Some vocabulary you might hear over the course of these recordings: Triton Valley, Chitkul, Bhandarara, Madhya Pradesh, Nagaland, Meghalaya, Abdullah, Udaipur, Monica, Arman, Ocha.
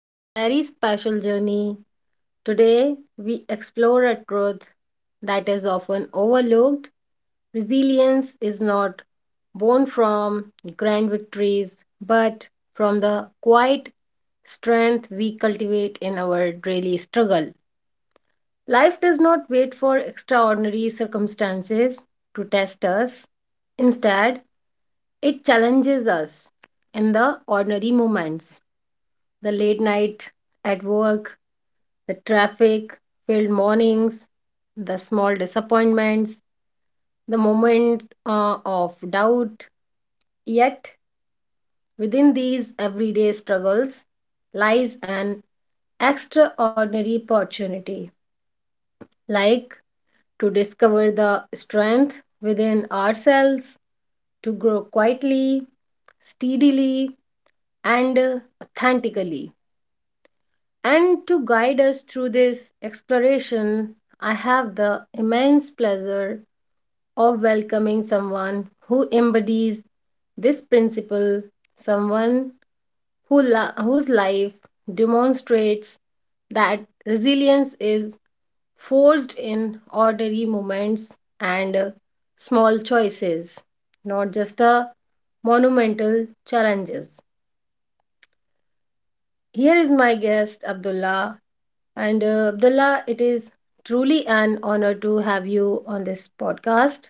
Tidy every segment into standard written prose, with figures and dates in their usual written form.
to the very special journey. Today, we explore a truth that is often overlooked. Resilience is not born from grand victories, but from the quiet strength we cultivate in our daily struggle. Life does not wait for extraordinary circumstances to test us. Instead, it challenges us in the ordinary moments, the late night at work, the traffic filled mornings, the small disappointments, the moment of doubt. Yet, within these everyday struggles lies an extraordinary opportunity, like to discover the strength within ourselves, to grow quietly, steadily, and authentically. And to guide us through this exploration, I have the immense pleasure of welcoming someone who embodies this principle, someone whose life demonstrates that resilience is forged in ordinary moments and small choices, not just a monumental challenges. Here is my guest, Abdullah. And Abdullah, it is truly an honor to have you on this podcast.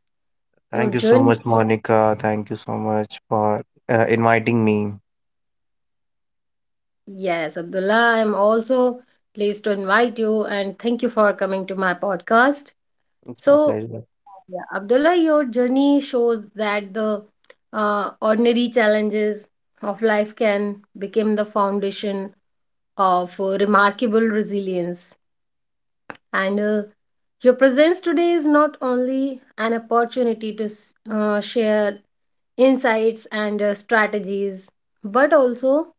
Your Thank you so journey, much, Monica. Thank you so much for inviting me. yes, Abdullah, I'm also pleased to invite you and thank you for coming to my podcast. It's my So, pleasure. yeah, Abdullah, your journey shows that the ordinary challenges of life can become the foundation of remarkable resilience. And your presence today is not only an opportunity to share insights and strategies, but also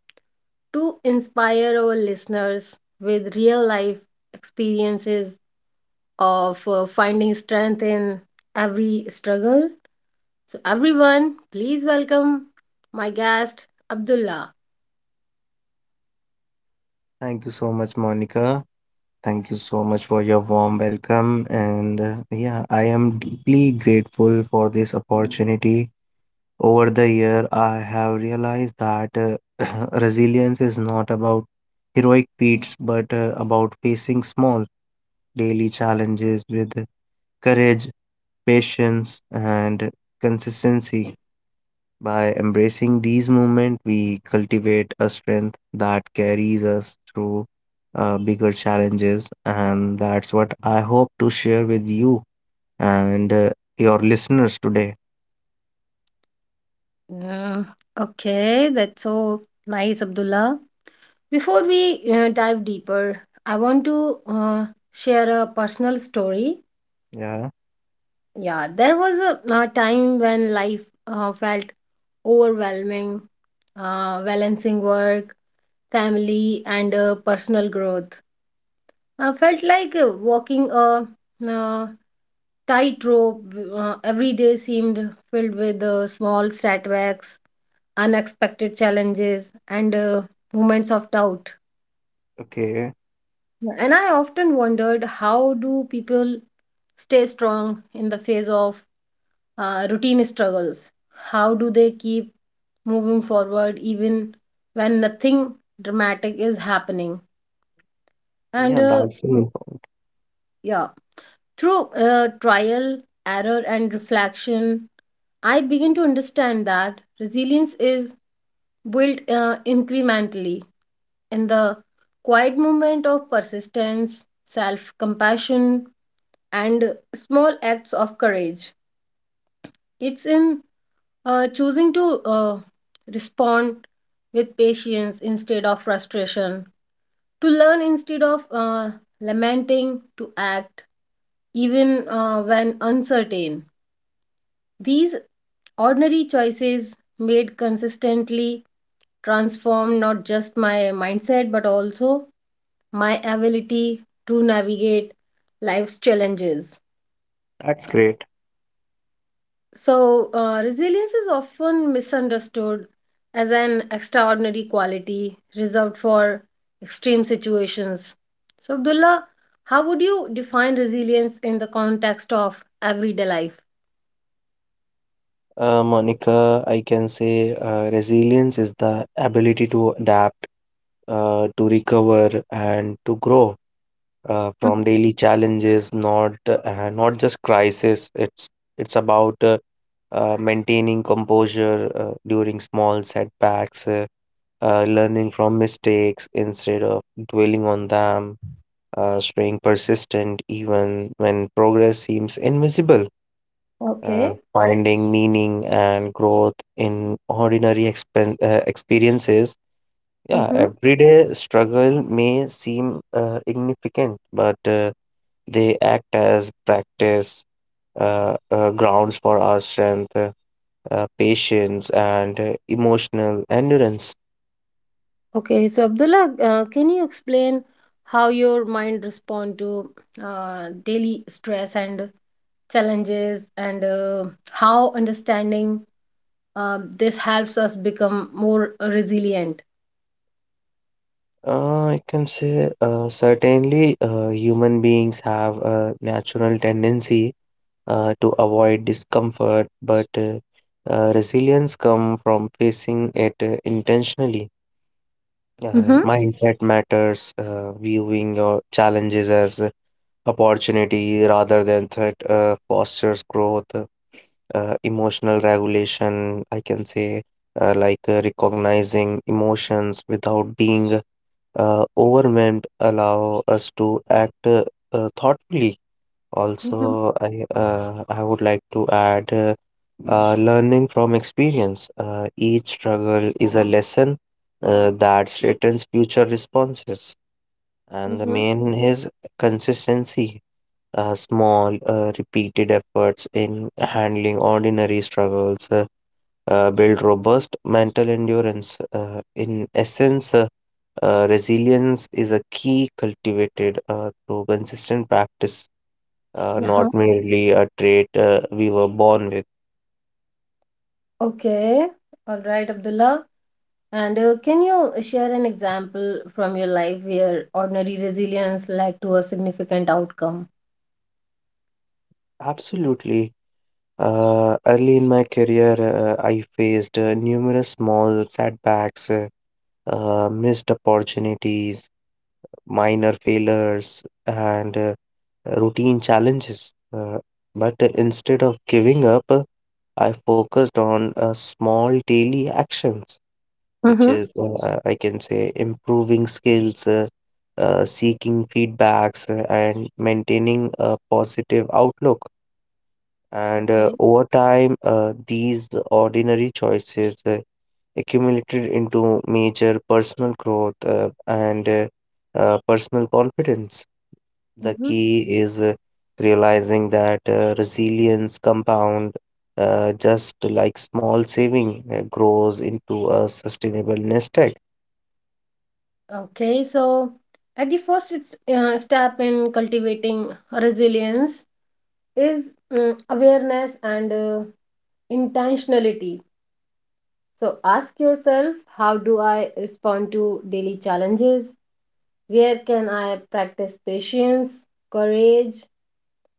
to inspire our listeners with real life experiences of finding strength in every struggle. So, everyone, please welcome my guest, Abdullah. Thank you so much, Monica. Thank you so much for your warm welcome. And yeah, I am deeply grateful for this opportunity. Over the year, I have realized that resilience is not about heroic feats, but about facing small daily challenges with courage, patience, and consistency. By embracing these moments, we cultivate a strength that carries us through bigger challenges, and that's what I hope to share with you and your listeners today. Mm. Okay, that's so nice, Abdullah. Before we dive deeper, I want to share a personal story. Yeah, Yeah, there was a time when life felt overwhelming, balancing work, family, and personal growth. I felt like walking a uh, tightrope. Every day seemed filled with small setbacks, unexpected challenges, and moments of doubt. okay. And I often wondered, how do people stay strong in the face of routine struggles? How do they keep moving forward even when nothing dramatic is happening? And Yeah, that's an important. yeah, through trial, error, and reflection, I begin to understand that resilience is built incrementally in the quiet moment of persistence, self compassion, and small acts of courage. It's in choosing to respond with patience instead of frustration, to learn instead of lamenting, to act even when uncertain. These ordinary choices, made consistently, transform not just my mindset but also my ability to navigate life's challenges. That's great. So, resilience is often misunderstood as an extraordinary quality reserved for extreme situations. So, Abdullah, how would you define resilience in the context of everyday life? Monica, I can say resilience is the ability to adapt, to recover, and to grow Mm. from daily challenges, not just crisis. It's about maintaining composure during small setbacks, learning from mistakes instead of dwelling on them, staying persistent even when progress seems invisible, Okay. finding meaning and growth in ordinary expen experiences. Yeah, Mm-hmm. everyday struggle may seem significant, but they act as practice grounds for our strength, patience, and emotional endurance. Okay, so Abdullah, can you explain how your mind respond to daily stress and challenges, and how understanding this helps us become more resilient? I can say certainly human beings have a natural tendency to avoid discomfort, but resilience comes from facing it intentionally. Mm-hmm. Mindset matters, viewing your challenges as opportunity rather than threat fosters growth. Emotional regulation, I can say, like recognizing emotions without being overwhelmed, allow us to act thoughtfully. Mm-hmm. Also, I would like to add learning from experience. Each struggle is a lesson that threatens future responses, and the Mm-hmm. main is consistency small, repeated efforts in handling ordinary struggles build robust mental endurance. In essence, resilience is a key cultivated through consistent practice, not Uh-huh. merely a trait we were born with. Okay. All right, Abdullah. And can you share an example from your life where ordinary resilience led to a significant outcome? Absolutely. Early in my career, I faced numerous small setbacks, missed opportunities, minor failures, and routine challenges. But instead of giving up, I focused on small daily actions, which Mm-hmm. is, I can say, improving skills, seeking feedbacks, and maintaining a positive outlook. And Okay. Over time, these ordinary choices accumulated into major personal growth and personal confidence. The Mm-hmm. key is realizing that resilience compound just like small saving grows into a sustainable nest egg. Okay. So, at the first it's step in cultivating resilience is awareness and intentionality. So, ask yourself, how do I respond to daily challenges? Where can I practice patience, courage,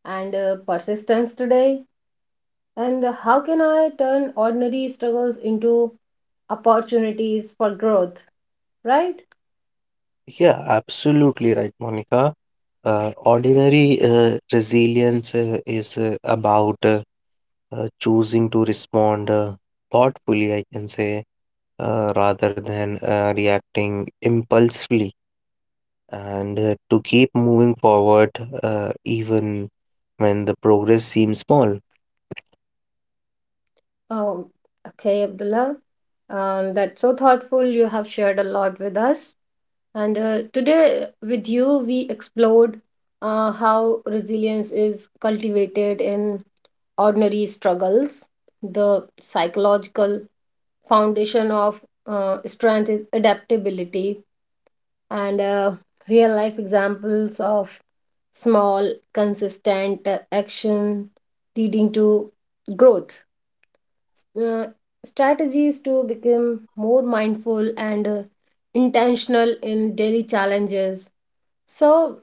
and persistence today? And how can I turn ordinary struggles into opportunities for growth? Right? Yeah, absolutely right, Monica. Ordinary resilience is about choosing to respond thoughtfully, I can say, rather than reacting impulsively, and to keep moving forward even when the progress seems small. Um, okay, Abdullah. That's so thoughtful. You have shared a lot with us. And today, with you, we explored how resilience is cultivated in ordinary struggles, the psychological foundation of strength is adaptability and real life examples of small consistent action leading to growth, uh, strategies to become more mindful and intentional in daily challenges. So,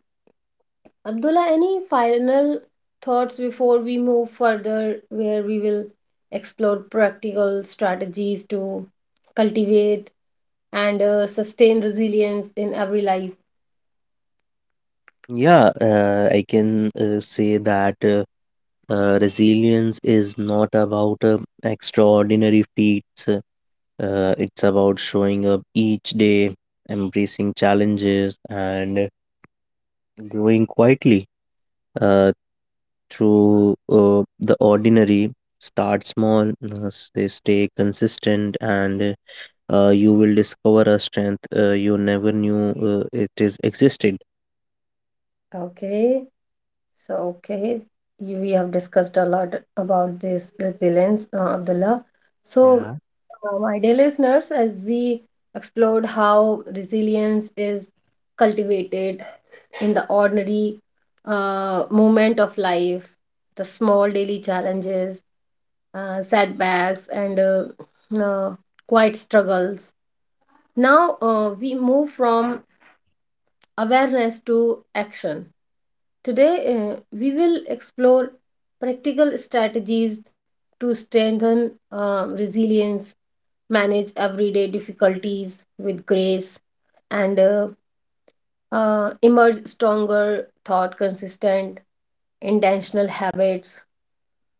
Abdullah, any final thoughts before we move further, where we will explore practical strategies to cultivate and sustain resilience in every life? Yeah, I can say that resilience is not about extraordinary feats. It's about showing up each day, embracing challenges, and growing quietly uh, through the ordinary. Start small, stay consistent, and you will discover a strength you never knew it is existed. Okay, so okay, we have discussed a lot about this resilience, Abdullah. So, Yeah. My dear listeners, as we explored how resilience is cultivated in the ordinary moment of life, the small daily challenges, setbacks, and uh, quiet struggles. Now we move from awareness to action. Today, we will explore practical strategies to strengthen resilience, manage everyday difficulties with grace, and emerge stronger, thought consistent, intentional habits.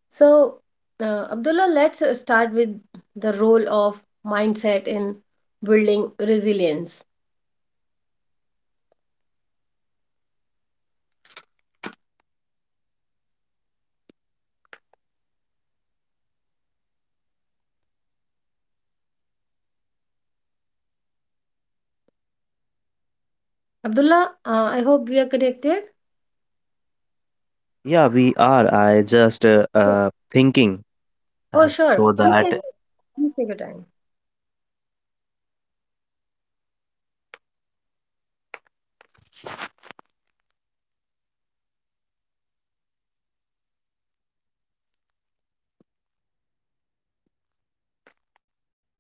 So, Abdullah, let's start with the role of mindset in building resilience. Abdullah, I hope we are connected. Yeah, we are. I just thinking Oh, uh, sure. so Please take that please take your time.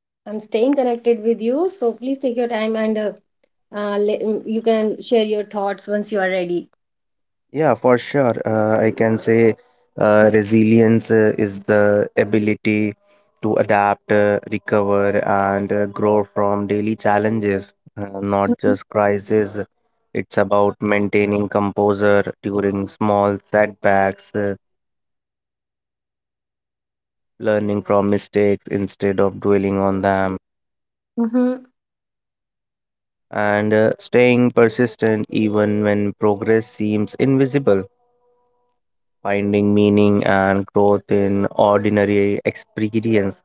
I'm staying connected with you, so please take your time, and you can share your thoughts once you are ready. yeah, for sure. I can say resilience is the ability to adapt, recover, and grow from daily challenges, not just crises. It's about maintaining composure during small setbacks, learning from mistakes instead of dwelling on them, Mm-hmm. and staying persistent even when progress seems invisible. Finding meaning and growth in ordinary experience.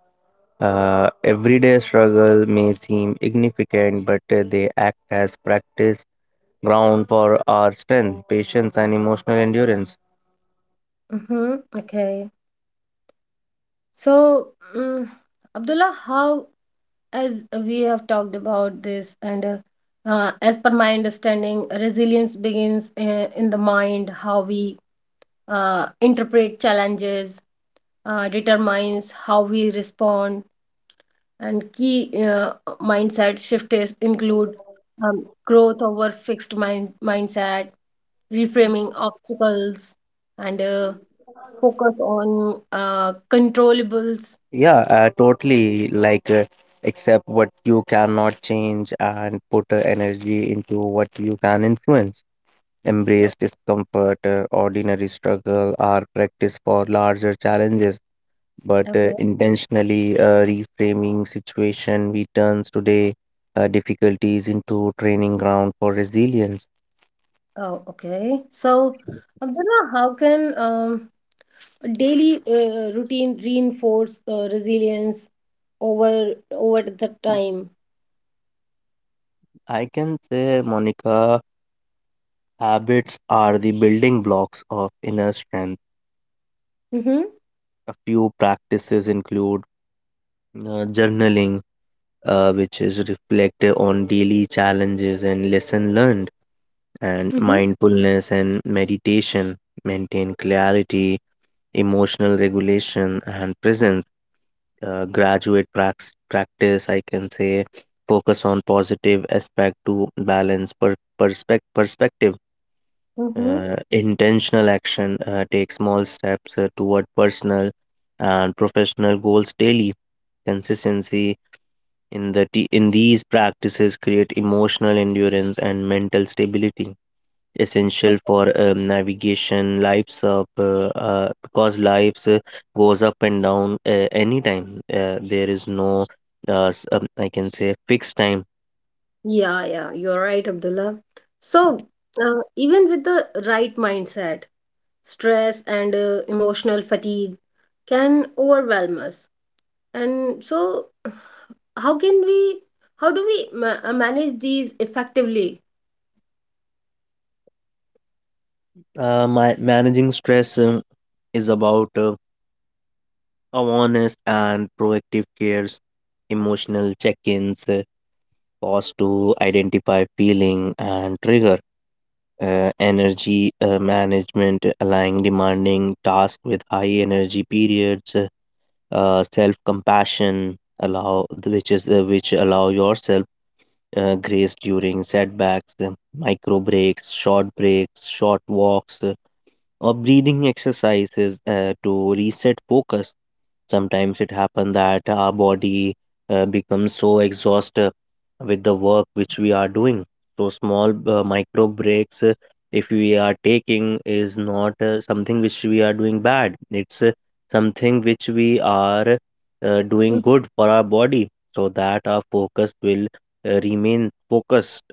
Everyday struggle may seem insignificant, but they act as practice ground for our strength, patience, and emotional endurance. Mm-hmm. Okay. So, mm Abdullah, how, as we have talked about this, and as per my understanding, resilience begins in the mind. How we interpret challenges determines how we respond. And key mindset shift is include growth over fixed mindset, reframing obstacles, and focus on controllables. Yeah, totally. Like, accept what you cannot change and put energy into what you can influence. Yep. Embrace discomfort, ordinary struggle, are practice for larger challenges but Okay. intentionally reframing situation we turns today difficulties into training ground for resilience. Oh, okay. So, Abdullah, how can daily routine reinforce resilience over the time? I can say, Monica, habits are the building blocks of inner strength. Mm-hmm. A few practices include journaling, which is reflective on daily challenges and lesson learned, and Mm-hmm. mindfulness and meditation maintain clarity, emotional regulation and presence, practice, I can say, focus on positive aspect to balance perspective, Mm-hmm. Intentional action, take small steps toward personal and professional goals daily. Consistency in these practices create emotional endurance and mental stability essential for navigation lives up because lives goes up and down anytime. There is no, I can say, fixed time. Yeah, yeah, you're right, Abdullah. So, even with the right mindset, stress and emotional fatigue can overwhelm us. And so, how can we, how do we manage these effectively? My managing stress is about awareness and proactive cares, emotional check-ins, pause to identify feeling and trigger, energy management, aligning demanding tasks with high energy periods, self compassion allow which allow yourself grace during setbacks, micro breaks, short breaks, short walks, or breathing exercises to reset focus. Sometimes it happens that our body becomes so exhausted with the work which we are doing. So small micro breaks, if we are taking, is not something which we are doing bad. It's something which we are doing Mm. good for our body, so that our focus will remain focused.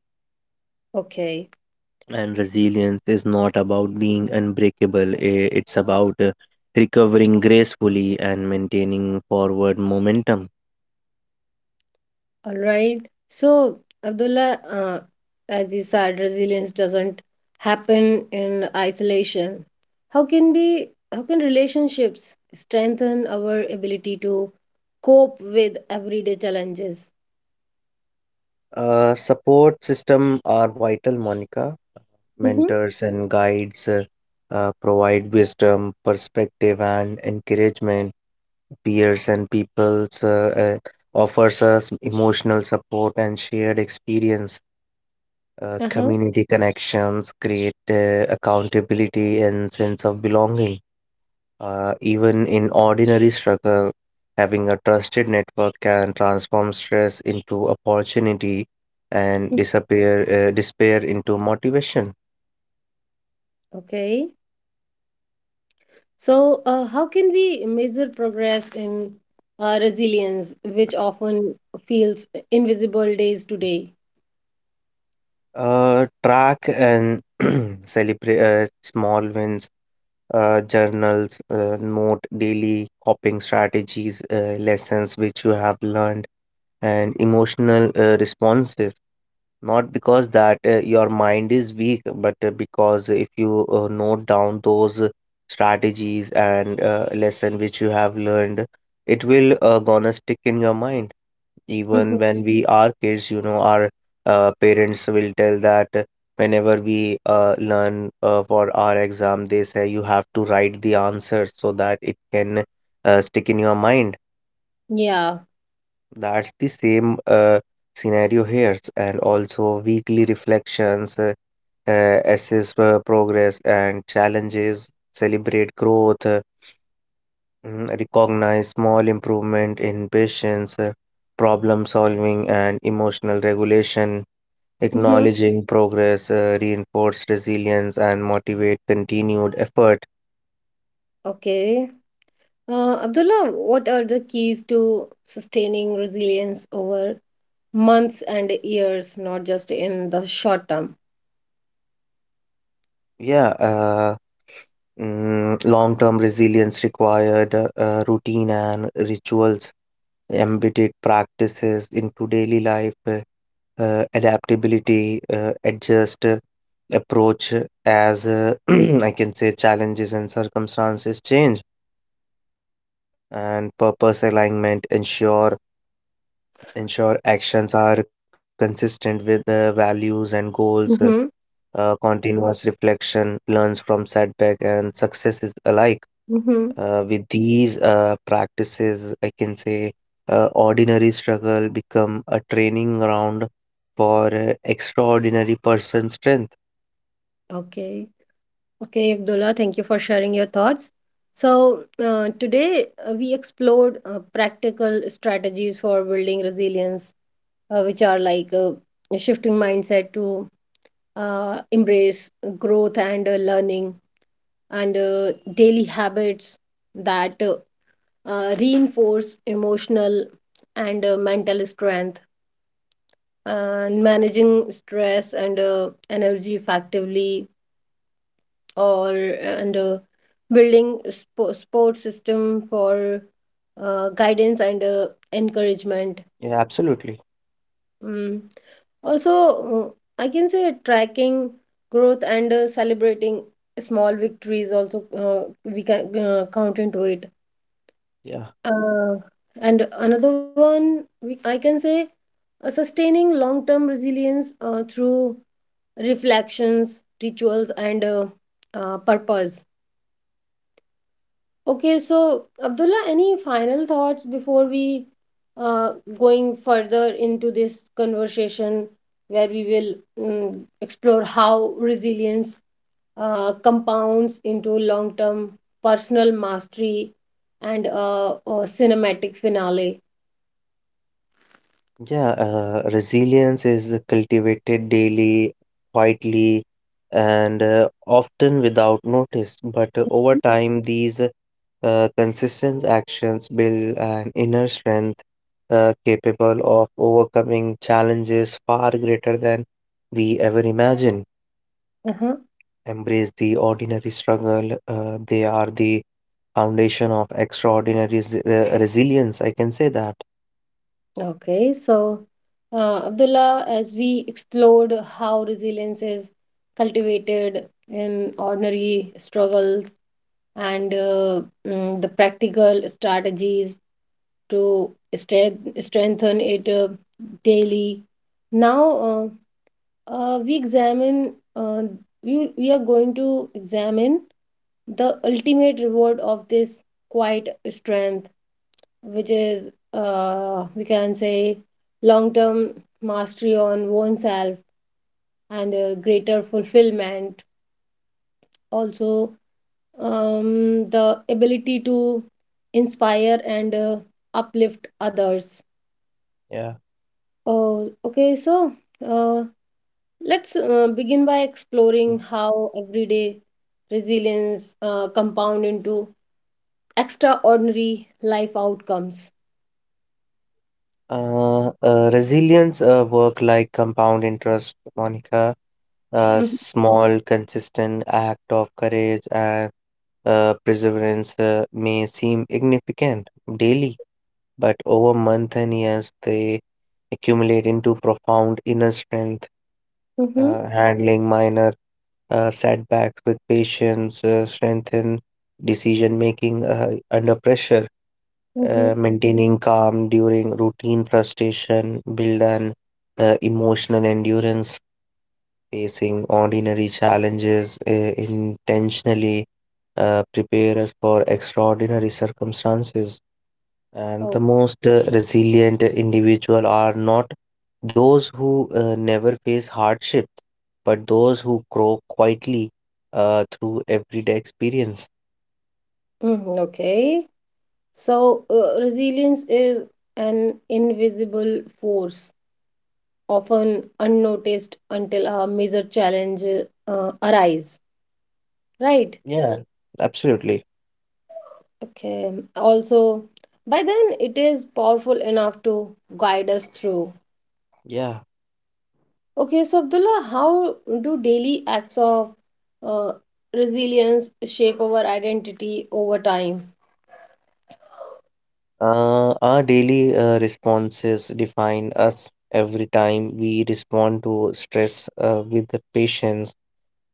Okay. And resilience is not about being unbreakable. It's about recovering gracefully and maintaining forward momentum. All right. So, Abdullah, as you said, resilience doesn't happen in isolation. How can relationships strengthen our ability to cope with everyday challenges? Support system are vital, Monica. Hmm. Mentors and guides provide wisdom, perspective, and encouragement. Peers and peoples offers us emotional support and shared experience. Uh-huh. Community connections create accountability and sense of belonging. Even in ordinary struggle, having a trusted network can transform stress into opportunity and Mm. disappear, despair into motivation. Okay. So, how can we measure progress in resilience, which often feels invisible days to day? Track and celebrate small wins, journals, note daily coping strategies, lessons which you have learned, and emotional responses. Not because that your mind is weak, but because if you note down those strategies and lesson which you have learned, it will gonna stick in your mind. Even Mhm. when we are kids, you know, our parents will tell that whenever we learn for our exam, they say you have to write the answer so that it can stick in your mind. Yeah. That's the same scenario here, and also weekly reflections. Assess progress and challenges, celebrate growth, recognize small improvement in patience, problem solving, and emotional regulation. Hmm. Acknowledging progress, reinforce resilience, and motivate continued effort. Okay. Abdullah, what are the keys to sustaining resilience over months and years, not just in the short term? Yeah, long term resilience required routine and rituals embedded practices into daily life, adaptability, adjust approach as I can say challenges and circumstances change, and purpose alignment ensure actions are consistent with the values and goals. Mm-hmm. Continuous reflection learns from setback and successes alike. Uh, Mm-hmm. with these uh, practices, I can say ordinary struggle become a training ground for extraordinary person strength. Okay. Okay, Abdullah, thank you for sharing your thoughts. So, today we explored practical strategies for building resilience, which are like shifting mindset to embrace growth and learning, and daily habits that reinforce emotional and mental strength, and managing stress and energy effectively, or and building support system for guidance and encouragement Yeah, absolutely. mm. Also, I can say tracking growth and celebrating small victories, also we can count into it, Yeah. uh, and another one I can say, sustaining long term resilience through reflections, rituals, and purpose. Okay, so Abdullah, any final thoughts before we uh, going further into this conversation, where we will explore how resilience compounds into long term personal mastery and cinematic finale? Yeah, resilience is cultivated daily, quietly, and often without notice. But over time, these consistent actions build an inner strength capable of overcoming challenges far greater than we ever imagine. Uh-huh. Embrace the ordinary struggle, they are the foundation of extraordinary resilience. I can say that. Okay, so Abdullah, as we explored how resilience is cultivated in ordinary struggles and the practical strategies to strengthen it daily, now uh, uh, we examine, uh, we are going to examine the ultimate reward of this quiet strength, which is, we can say, long term mastery on oneself and greater fulfillment, also the ability to inspire and uplift others. Yeah. Oh, okay. So, uh, let's begin by exploring how everyday resilience compound into extraordinary life outcomes. Resilience work like compound interest, Monica. A Mm-hmm, small, consistent act of courage and perseverance may seem significant daily, but over months and years, they accumulate into profound inner strength. mm-hmm. Handling minor setbacks with patience, strengthen decision making under pressure, Mm-hmm. Maintaining calm during routine frustration, build an emotional endurance, facing ordinary challenges intentionally, prepare us for extraordinary circumstances. And Oh, the most resilient individual are not those who never face hardships, but those who grow quietly through everyday experience. mhm. Okay, so resilience is an invisible force, often unnoticed until a major challenge arise, right? Yeah, absolutely. Okay, also, by then it is powerful enough to guide us through. Yeah. Okay, so Abdullah, how do daily acts of uh, resilience shape our identity over time? Our daily responses define us every time we respond to stress with the patience,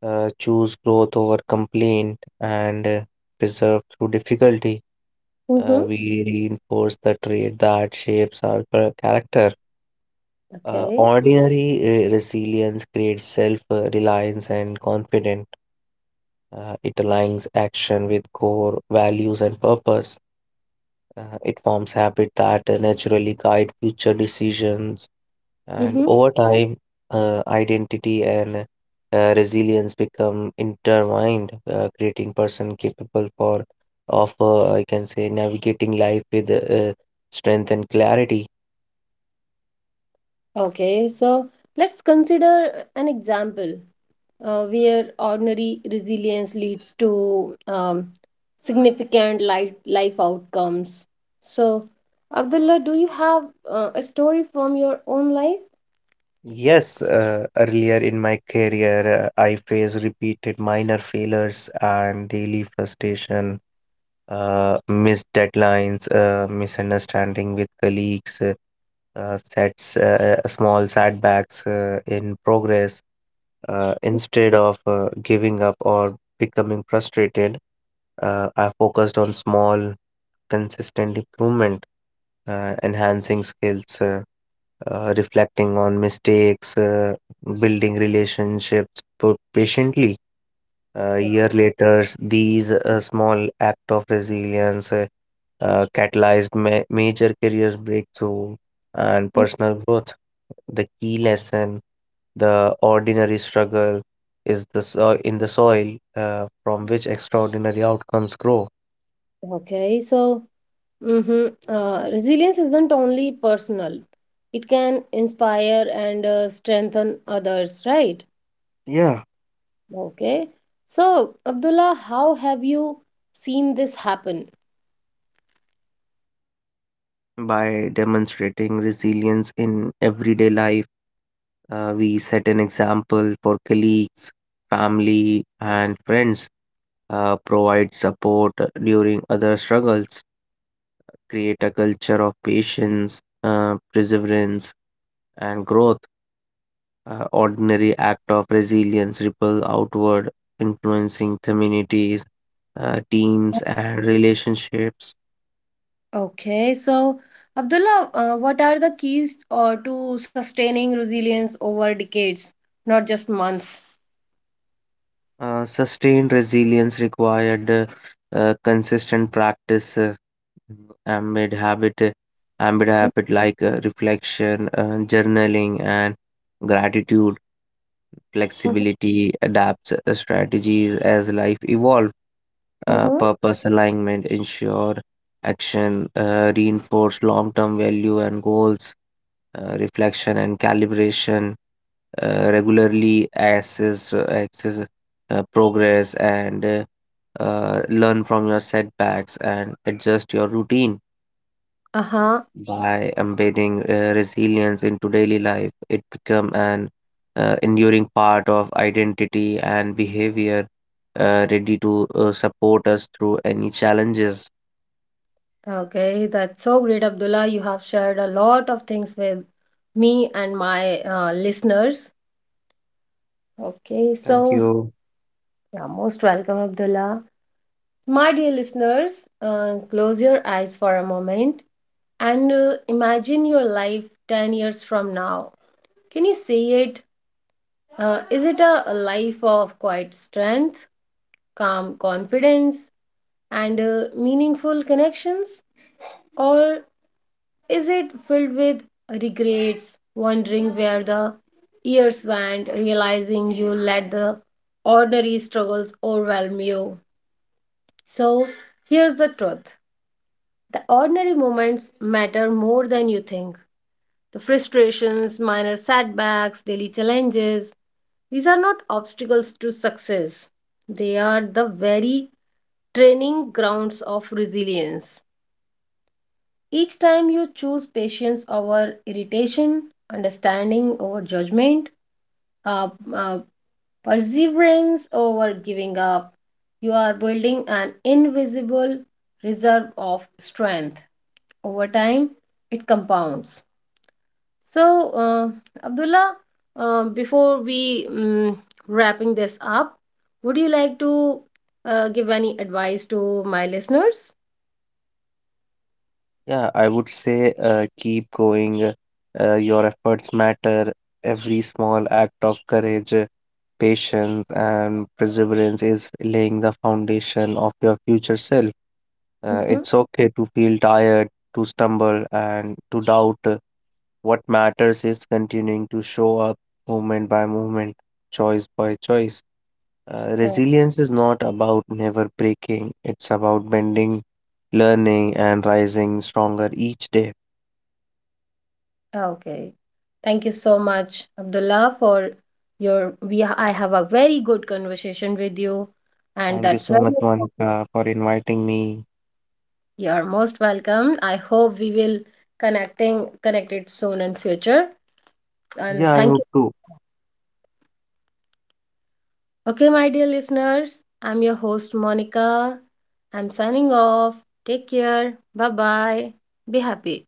choose growth over complaint, and preserve through difficulty. Mm-hmm. We reinforce the trait that shapes our character. Uh, Okay. ordinary uh, resilience creates self-reliance and confidence. It aligns action with core values and purpose. It forms habit that naturally guide future decisions, and Mm-hmm. over time, identity and resilience become intertwined, creating person capable for of I can say, navigating life with strength and clarity. Okay, so let's consider an example where ordinary resilience leads to significant life outcomes. So, Abdullah, do you have a story from your own life? Yes, earlier in my career, I faced repeated minor failures and daily frustration, missed deadlines, misunderstanding with colleagues, sets small setbacks in progress, instead of giving up or becoming frustrated, I focused on small consistent improvement, enhancing skills, reflecting on mistakes, building relationships but patiently. A year Okay. later, these small act of resilience catalyzed major career breakthrough and Mm. personal growth. The key lesson, the ordinary struggle, is the so- in the soil from which extraordinary outcomes grow. Okay. So, resilience isn't only personal, it can inspire and strengthen others, right? Yeah. Okay. So, Abdullah, how have you seen this happen? By demonstrating resilience in everyday life, we set an example for colleagues, family, and friends, provide support during other struggles, create a culture of patience, perseverance, and growth. Ordinary act of resilience ripple outward, influencing communities, teams, and relationships. Okay, so Abdullah, what are the keys to sustaining resilience over decades, not just months? Sustained resilience required consistent practice. Uh, Mm, ambid habit ambid habit like reflection, journaling and gratitude. Flexibility adapts strategies as life evolves, Mm-hmm. purpose alignment ensure action reinforce long-term value and goals, reflection and calibration, regularly assess access progress and learn from your setbacks and adjust your routine. Uh-huh. By embedding resilience into daily life, it become an enduring part of identity and behavior, ready to support us through any challenges. Okay, that's so great, Abdullah. You have shared a lot of things with me and my listeners. Okay, Thank so you. yeah, most welcome, Abdullah. My dear listeners, close your eyes for a moment and imagine your life 10 years from now. Can you see it? Is it a, life of quiet strength, calm confidence, and meaningful connections? Or is it filled with regrets, wondering where the years went, realizing you let the ordinary struggles overwhelm you? So, here's the truth: the ordinary moments matter more than you think. The frustrations, minor setbacks, daily challenges. These are not obstacles to success, they are the very training grounds of resilience. Each time you choose patience over irritation, understanding over judgment, uh, uh, perseverance over giving up, you are building an invisible reserve of strength. Over time, it compounds. So, Abdullah, before we wrapping this up, would you like to give any advice to my listeners? Yeah, I would say keep going. Your efforts matter. Every small act of courage, patience, and perseverance is laying the foundation of your future self. Hmm. It's okay to feel tired, to stumble, and to doubt. What matters is continuing to show up moment by moment, choice by choice. Okay. Resilience is not about never breaking, it's about bending, learning, and rising stronger each day. Okay, thank you so much, Abdullah, for your. We I have a very good conversation with you, and Thank you that's so much, very. Monica, for inviting me. You are most welcome. I hope we will connecting connected soon in future. Yeah, And I hope thank you. to. Okay, my dear listeners, I'm your host Monica. I'm signing off. Take care. Bye bye. Be happy.